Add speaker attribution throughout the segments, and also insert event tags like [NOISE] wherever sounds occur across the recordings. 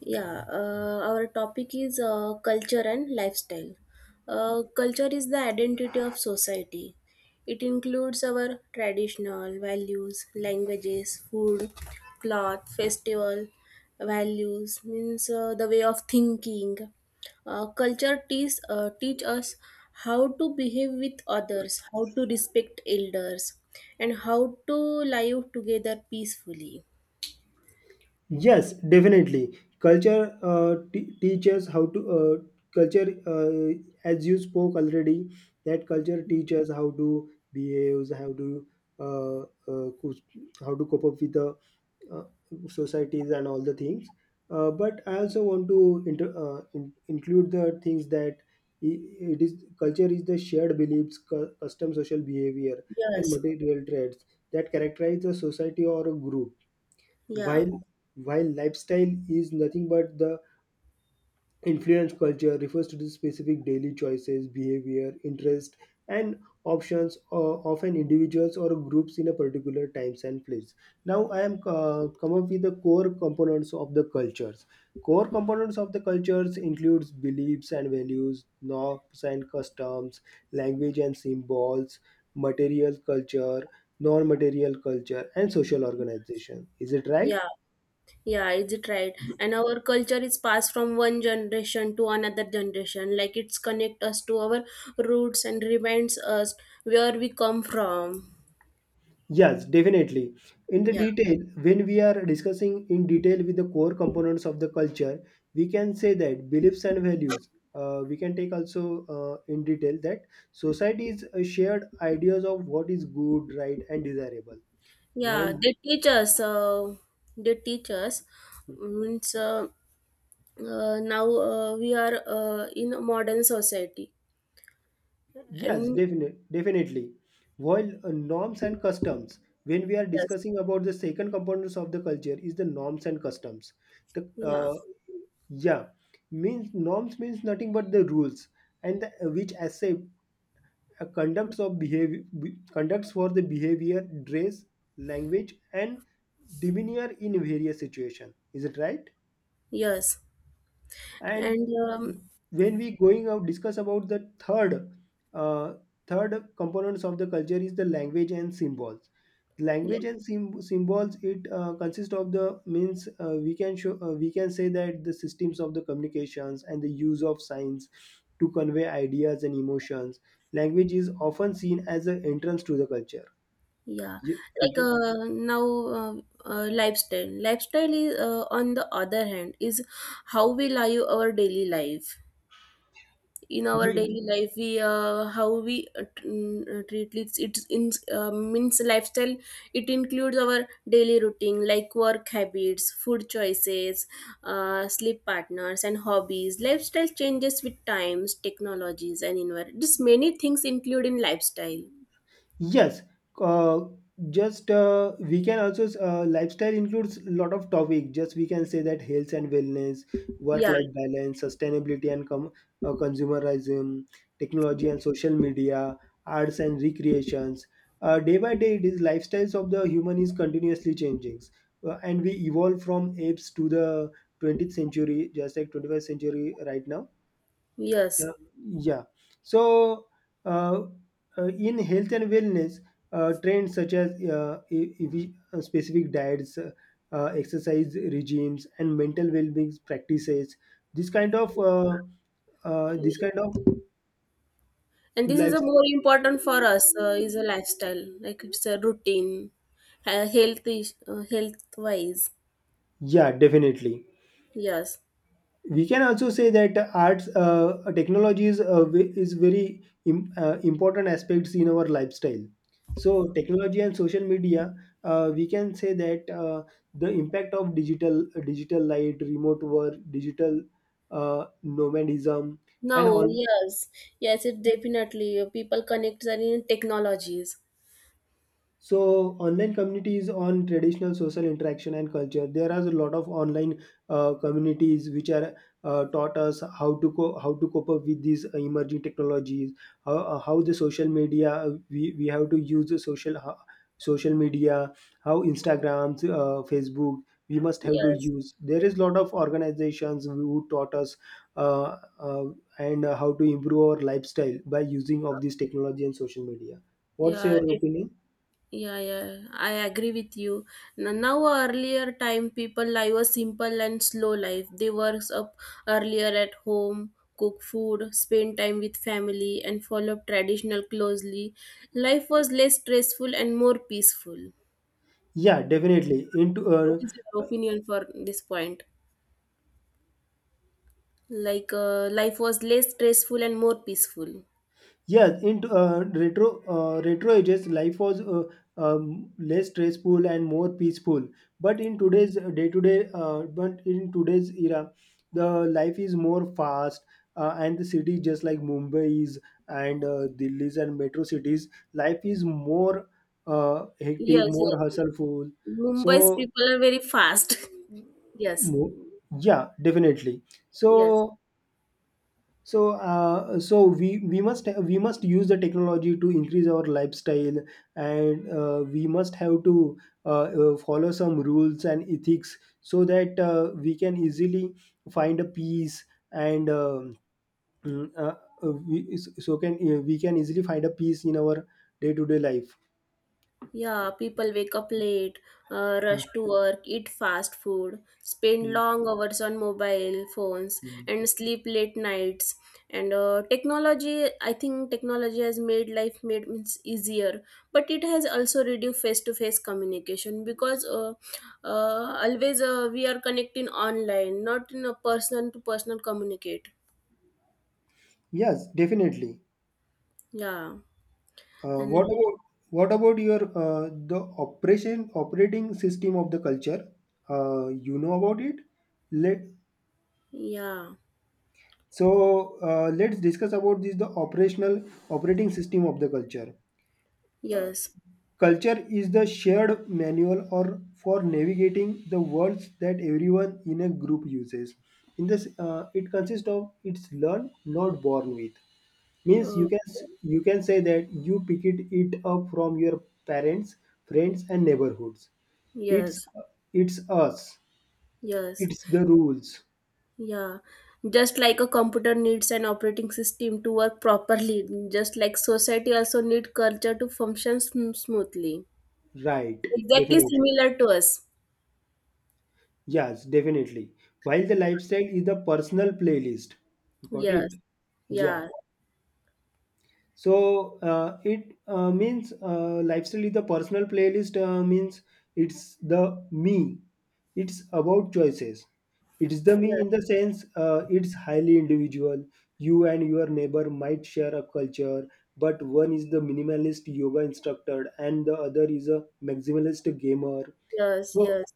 Speaker 1: Yeah, our topic is culture and lifestyle. Culture is the identity of society. It includes our traditional values, languages, food, cloth, festival values, means the way of thinking. Teach us how to behave with others, how to respect elders, and how to live together peacefully.
Speaker 2: Yes, definitely. Culture teaches how to as you spoke already, that culture teaches how to behave, how to uh, uh, cous- how to cope up with the uh, societies and all the things. But I also want to include the things that i- it is culture is the shared beliefs, custom social behavior, and
Speaker 1: Yes,
Speaker 2: material traits that characterize a society or a group,
Speaker 1: yeah,
Speaker 2: while lifestyle is nothing but the influence culture refers to the specific daily choices, behavior, interest, and options of an individuals or groups in a particular times and place. Now I am come up with the core components of the cultures. Core components of the cultures includes beliefs and values, norms and customs, language and symbols, material culture, non-material culture, and social organization. Is it right?
Speaker 1: yeah. Yeah, is it right? And our culture is passed from one generation to another generation. Like it's connect us to our roots and reminds us where we come from.
Speaker 2: Yes, definitely. In the
Speaker 1: Yeah,
Speaker 2: detail, when we are discussing in detail with the core components of the culture, we can say that beliefs and values. We can take also in detail that society is a shared ideas of what is good, right, and desirable. While
Speaker 1: yeah. They teach us. They teach us means now we are in a modern society.
Speaker 2: yes,
Speaker 1: And
Speaker 2: definitely. While norms and customs, when we are
Speaker 1: yes,
Speaker 2: discussing about the second components of the culture, is the norms and customs. The
Speaker 1: yeah,
Speaker 2: yeah Means norms means nothing but the rules and the, which accept conducts of behavior conducts for the behavior, dress, language, and demeanor in various situation. Is it right?
Speaker 1: yes,
Speaker 2: And
Speaker 1: and um,
Speaker 2: when we going out discuss about the third uh, third components of the culture is the language and symbols. Language and symbols, it consists of the means we can show, we can say that the systems of the communications and the use of signs to convey ideas and emotions. Language is often seen as an entrance to the culture.
Speaker 1: Yeah,
Speaker 2: Ye-
Speaker 1: like now lifestyle. Lifestyle is, on the other hand, is how we live our daily life. In our daily, mhm, life, we how we t- mm, treat it in, uh, means, lifestyle. It includes our daily routine like work habits, food choices, sleep partners, and hobbies. Lifestyle changes with times, technologies, and environment. This many things include in lifestyle.
Speaker 2: Yes, uh, just we can also lifestyle includes a lot of topic. Just we can say that health and wellness,
Speaker 1: Yeah.
Speaker 2: work-life balance, sustainability and consumerism, technology and social media, arts and recreations. Day by day, it is lifestyles of the human is continuously changing, and we evolve from apes to the 20th century, just like 21st century right now.
Speaker 1: Yes.
Speaker 2: uh, yeah. So, uh, in health and wellness, trends such as specific diets, exercise regimes, and mental well-being practices, this kind of this kind of.
Speaker 1: And this is
Speaker 2: Life.
Speaker 1: a more important for us, is a lifestyle, like it's a routine. Health health wise,
Speaker 2: Yeah, definitely.
Speaker 1: yes,
Speaker 2: We can also say that arts, technology is, is very important aspects in our lifestyle. So technology and social media, we can say that, the impact of digital light, remote work, digital nomadism and
Speaker 1: now,
Speaker 2: all.
Speaker 1: yes, yes, it definitely, people connect in technologies,
Speaker 2: So online communities on traditional social interaction and culture. There are a lot of online communities which are taught us how to how to cope up with these emerging technologies. How the social media we have to use the social media. How Instagrams, Facebook we must have to
Speaker 1: yes,
Speaker 2: use. There is a lot of organizations who taught us uh, uh, and how to improve our lifestyle by using of this technology and social media. What's
Speaker 1: yeah.
Speaker 2: your opinion?
Speaker 1: Yeah, yeah, I agree with you. Now, earlier time, people live a simple and slow life. They work up earlier at home, cook food, spend time with family, and follow up traditional closely. Life was less stressful and more peaceful.
Speaker 2: Yeah, definitely. Into
Speaker 1: What is your opinion for this point? Like, life was less stressful and more peaceful.
Speaker 2: Yes, into retro ages, life was less stressful and more peaceful. But in today's era, the life is more fast, and the city just like Mumbai's and Delhi's and metro cities, life is more hectic,
Speaker 1: Yes,
Speaker 2: more
Speaker 1: yes, yes.
Speaker 2: hustleful.
Speaker 1: Mumbai's
Speaker 2: So
Speaker 1: people are very fast. [LAUGHS] Yes,
Speaker 2: mo- yeah, definitely.
Speaker 1: yes.
Speaker 2: So so we must we must use the technology to increase our lifestyle, and we must have to follow some rules and ethics so that we can easily find a peace and mm, uh, we can easily find a peace in our day to day life.
Speaker 1: Yeah, people wake up late,
Speaker 2: Mm,
Speaker 1: rush to work, eat fast food, spend
Speaker 2: mm,
Speaker 1: long hours on mobile phones,
Speaker 2: mm.
Speaker 1: and sleep late nights. And technology, I think technology has made life made means easier, but it has also reduced face-to-face communication because always we are connecting online, not in a person-to-person communicate.
Speaker 2: Yes, definitely.
Speaker 1: Yeah,
Speaker 2: Uh, what
Speaker 1: and
Speaker 2: about what about your, the operation operating system of the culture? You know about it. Let
Speaker 1: yeah,
Speaker 2: let's discuss about this the operational operating system of the culture.
Speaker 1: yes,
Speaker 2: Culture is the shared manual or for navigating the worlds that everyone in a group uses. In this, it consists of, it's learned, not born with. Means
Speaker 1: uh,
Speaker 2: you can you can say that you picked it up from your parents, friends and neighborhoods. it's
Speaker 1: yes,
Speaker 2: it's us,
Speaker 1: yes.
Speaker 2: it's the rules,
Speaker 1: Yeah, just like a computer needs an operating system to work properly, just like society also need culture to function smoothly.
Speaker 2: right?
Speaker 1: Exactly
Speaker 2: Definitely,
Speaker 1: similar to us.
Speaker 2: yes, definitely. While the lifestyle is the personal playlist, you got it?
Speaker 1: Yes,
Speaker 2: Yeah.
Speaker 1: yeah,
Speaker 2: So it means lifestyle is the personal playlist. Means It's the me. It's about choices. It's the
Speaker 1: yes,
Speaker 2: me in the sense, it's highly individual. You and your neighbor might share a culture, but one is the minimalist yoga instructor and the other is a maximalist gamer.
Speaker 1: yes,
Speaker 2: So
Speaker 1: yes,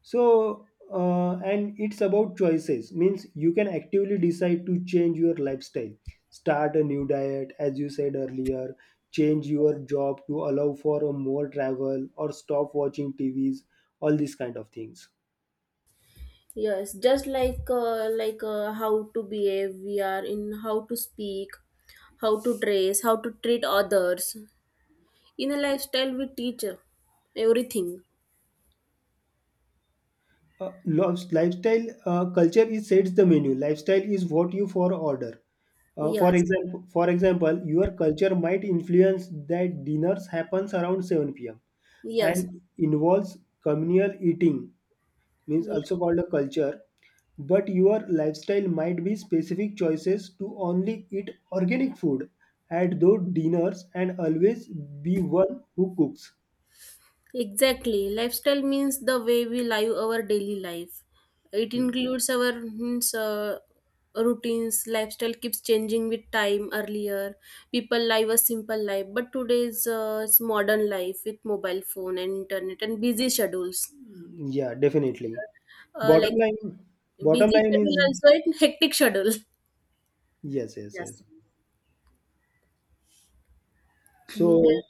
Speaker 2: so and it's about choices, means you can actively decide to change your lifestyle, start a new diet as you said earlier, change your job to allow for a more travel, or stop watching tvs, all these kind of things.
Speaker 1: yes. Just like how to behave, we are in how to speak, how to dress, how to treat others. In a lifestyle, we teach everything.
Speaker 2: Lifes- lifestyle Culture is sets the menu, lifestyle is what you for order.
Speaker 1: Yes,
Speaker 2: For example, your culture might influence that dinners happens around 7 p.m.
Speaker 1: yes.
Speaker 2: and involves communal eating, means also called a culture, but your lifestyle might be specific choices to only eat organic food at those dinners and always be one who cooks.
Speaker 1: Exactly. Lifestyle means the way we live our daily life. It
Speaker 2: Hmm.
Speaker 1: includes our means, routines. Lifestyle keeps changing with time. Earlier, people live a simple life, but today's it's modern life with mobile phone and internet and busy schedules.
Speaker 2: Yeah, definitely. bottom
Speaker 1: Like
Speaker 2: line Bottom
Speaker 1: busy
Speaker 2: line
Speaker 1: schedule
Speaker 2: is,
Speaker 1: also and hectic schedule.
Speaker 2: yes, yes, yes,
Speaker 1: Yes. [CLEARS THROAT]
Speaker 2: so
Speaker 1: There-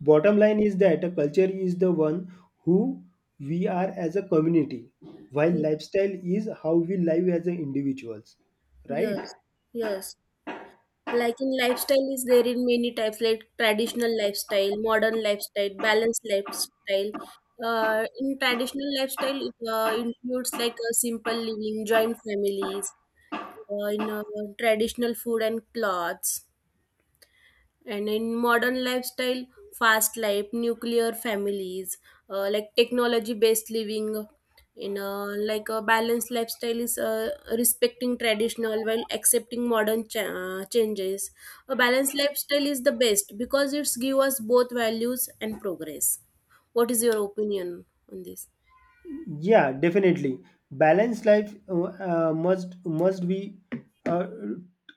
Speaker 2: bottom line is that a culture is the one who we are as a community, while lifestyle is how we live as a individuals, right?
Speaker 1: yes. Yes. Like in lifestyle is there in many types like traditional lifestyle, modern lifestyle, balanced lifestyle. In traditional lifestyle, it includes like a simple living, joint families, in traditional food and clothes. And in modern lifestyle, fast life, nuclear families, like technology based living, in a, like a balanced lifestyle is, respecting traditional while accepting modern changes. A balanced lifestyle is the best because it's give us both values and progress. What is your opinion on this?
Speaker 2: Yeah, definitely. Balanced life, must be uh,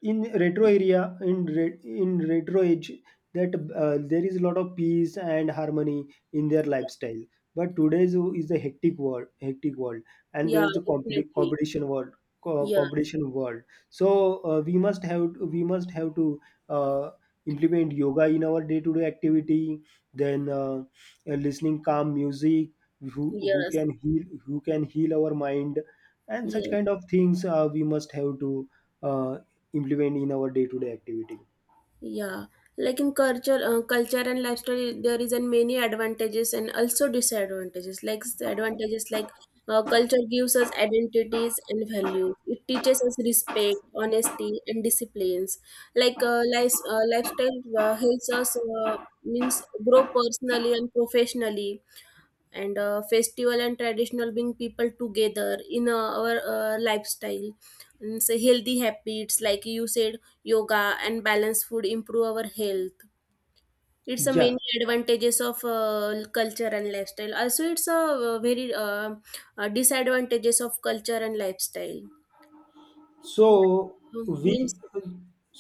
Speaker 2: in retro area, in in retro age, that there is a lot of peace and harmony in their lifestyle. But today's is a hectic world, and there
Speaker 1: Yeah,
Speaker 2: is a
Speaker 1: definitely.
Speaker 2: competition world,
Speaker 1: Yes,
Speaker 2: competition world. So we must have to uh, implement yoga in our day to day activity. Then listening calm music,
Speaker 1: yes,
Speaker 2: who can heal our mind, and such
Speaker 1: yes.
Speaker 2: kind of things we must have to uh, implement in our day to day activity.
Speaker 1: Yeah, like in culture, culture and lifestyle, there is an many advantages and also disadvantages. Like the advantages, like culture gives us identities and values. It teaches us respect, honesty, and disciplines. Like lifestyle helps us, means, grow personally and professionally, and festival and traditional bring people together in our lifestyle, and so healthy habits like you said, yoga and balanced food, improve our health. It's a
Speaker 2: Yeah.
Speaker 1: many advantages of culture and lifestyle. Also, it's a, very disadvantages of culture and lifestyle.
Speaker 2: so we
Speaker 1: Means,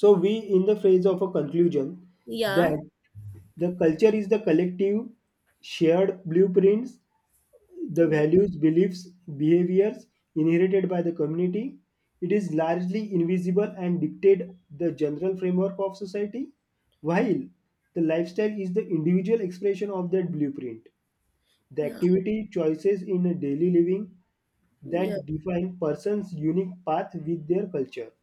Speaker 2: so we in the phase of a conclusion,
Speaker 1: yeah,
Speaker 2: that the culture is the collective shared blueprints, the values, beliefs, behaviors inherited by the community. It is largely invisible and dictates the general framework of society, while the lifestyle is the individual expression of that blueprint. The
Speaker 1: yeah,
Speaker 2: activity choices in a daily living
Speaker 1: yeah.
Speaker 2: that define person's unique path with their culture.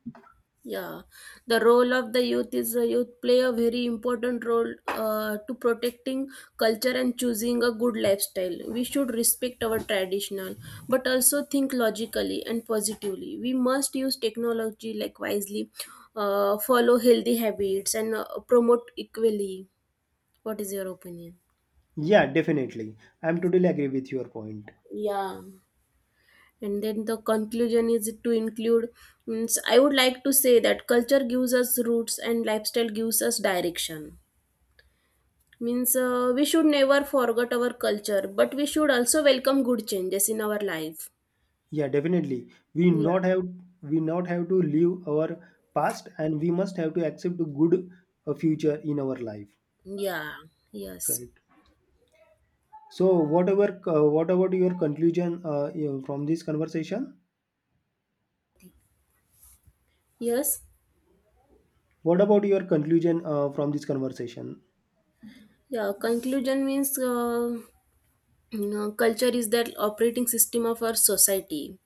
Speaker 1: Yeah, the role of the youth is, youth play a very important role to protecting culture and choosing a good lifestyle. We should respect our traditional, but also think logically and positively. We must use technology like wisely, follow healthy habits, and promote equally. What is your opinion?
Speaker 2: Yeah, definitely. I'm totally agree with your point.
Speaker 1: Yeah. And then the conclusion is to include. Means I would like to say that culture gives us roots and lifestyle gives us direction. Means we should never forget our culture, but we should also welcome good changes in our life.
Speaker 2: Yeah, definitely. We
Speaker 1: Yeah.
Speaker 2: not have we not have to live our past, and we must have to accept a good future in our life,
Speaker 1: Yeah. Yes.
Speaker 2: right? So, what about your conclusion, from this conversation?
Speaker 1: Yes.
Speaker 2: What about your conclusion from this conversation?
Speaker 1: Yeah. Conclusion means, you know, culture is that operating system of our society,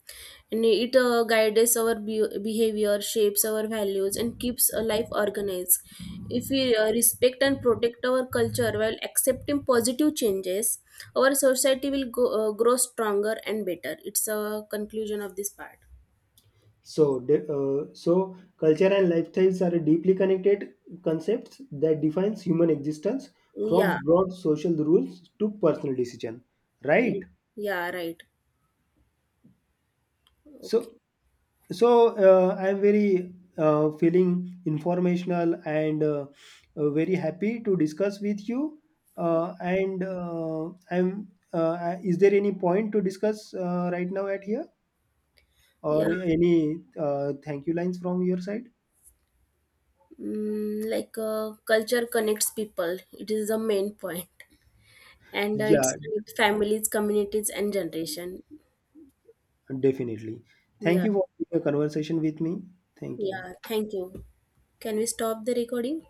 Speaker 1: and it guides our behavior, shapes our values, and keeps a life organized. If we respect and protect our culture while accepting positive changes, our society will go, grow stronger and better. It's a conclusion of this part.
Speaker 2: So, so culture and lifestyles are deeply connected concepts that defines human existence
Speaker 1: Yeah.
Speaker 2: from broad social rules to personal decision, right?
Speaker 1: Y- yeah, right.
Speaker 2: So,
Speaker 1: Okay.
Speaker 2: so, I'm very feeling informational and very happy to discuss with you, and I'm is there any point to discuss right now at here, or
Speaker 1: Yeah.
Speaker 2: any thank you lines from your side?
Speaker 1: Mm, like culture connects people, it is the main point, and
Speaker 2: Yeah,
Speaker 1: it's connect families, communities, and generation.
Speaker 2: definitely, thank
Speaker 1: Yeah.
Speaker 2: you for your conversation with me. Thank you.
Speaker 1: Yeah, thank you. Can we stop the recording?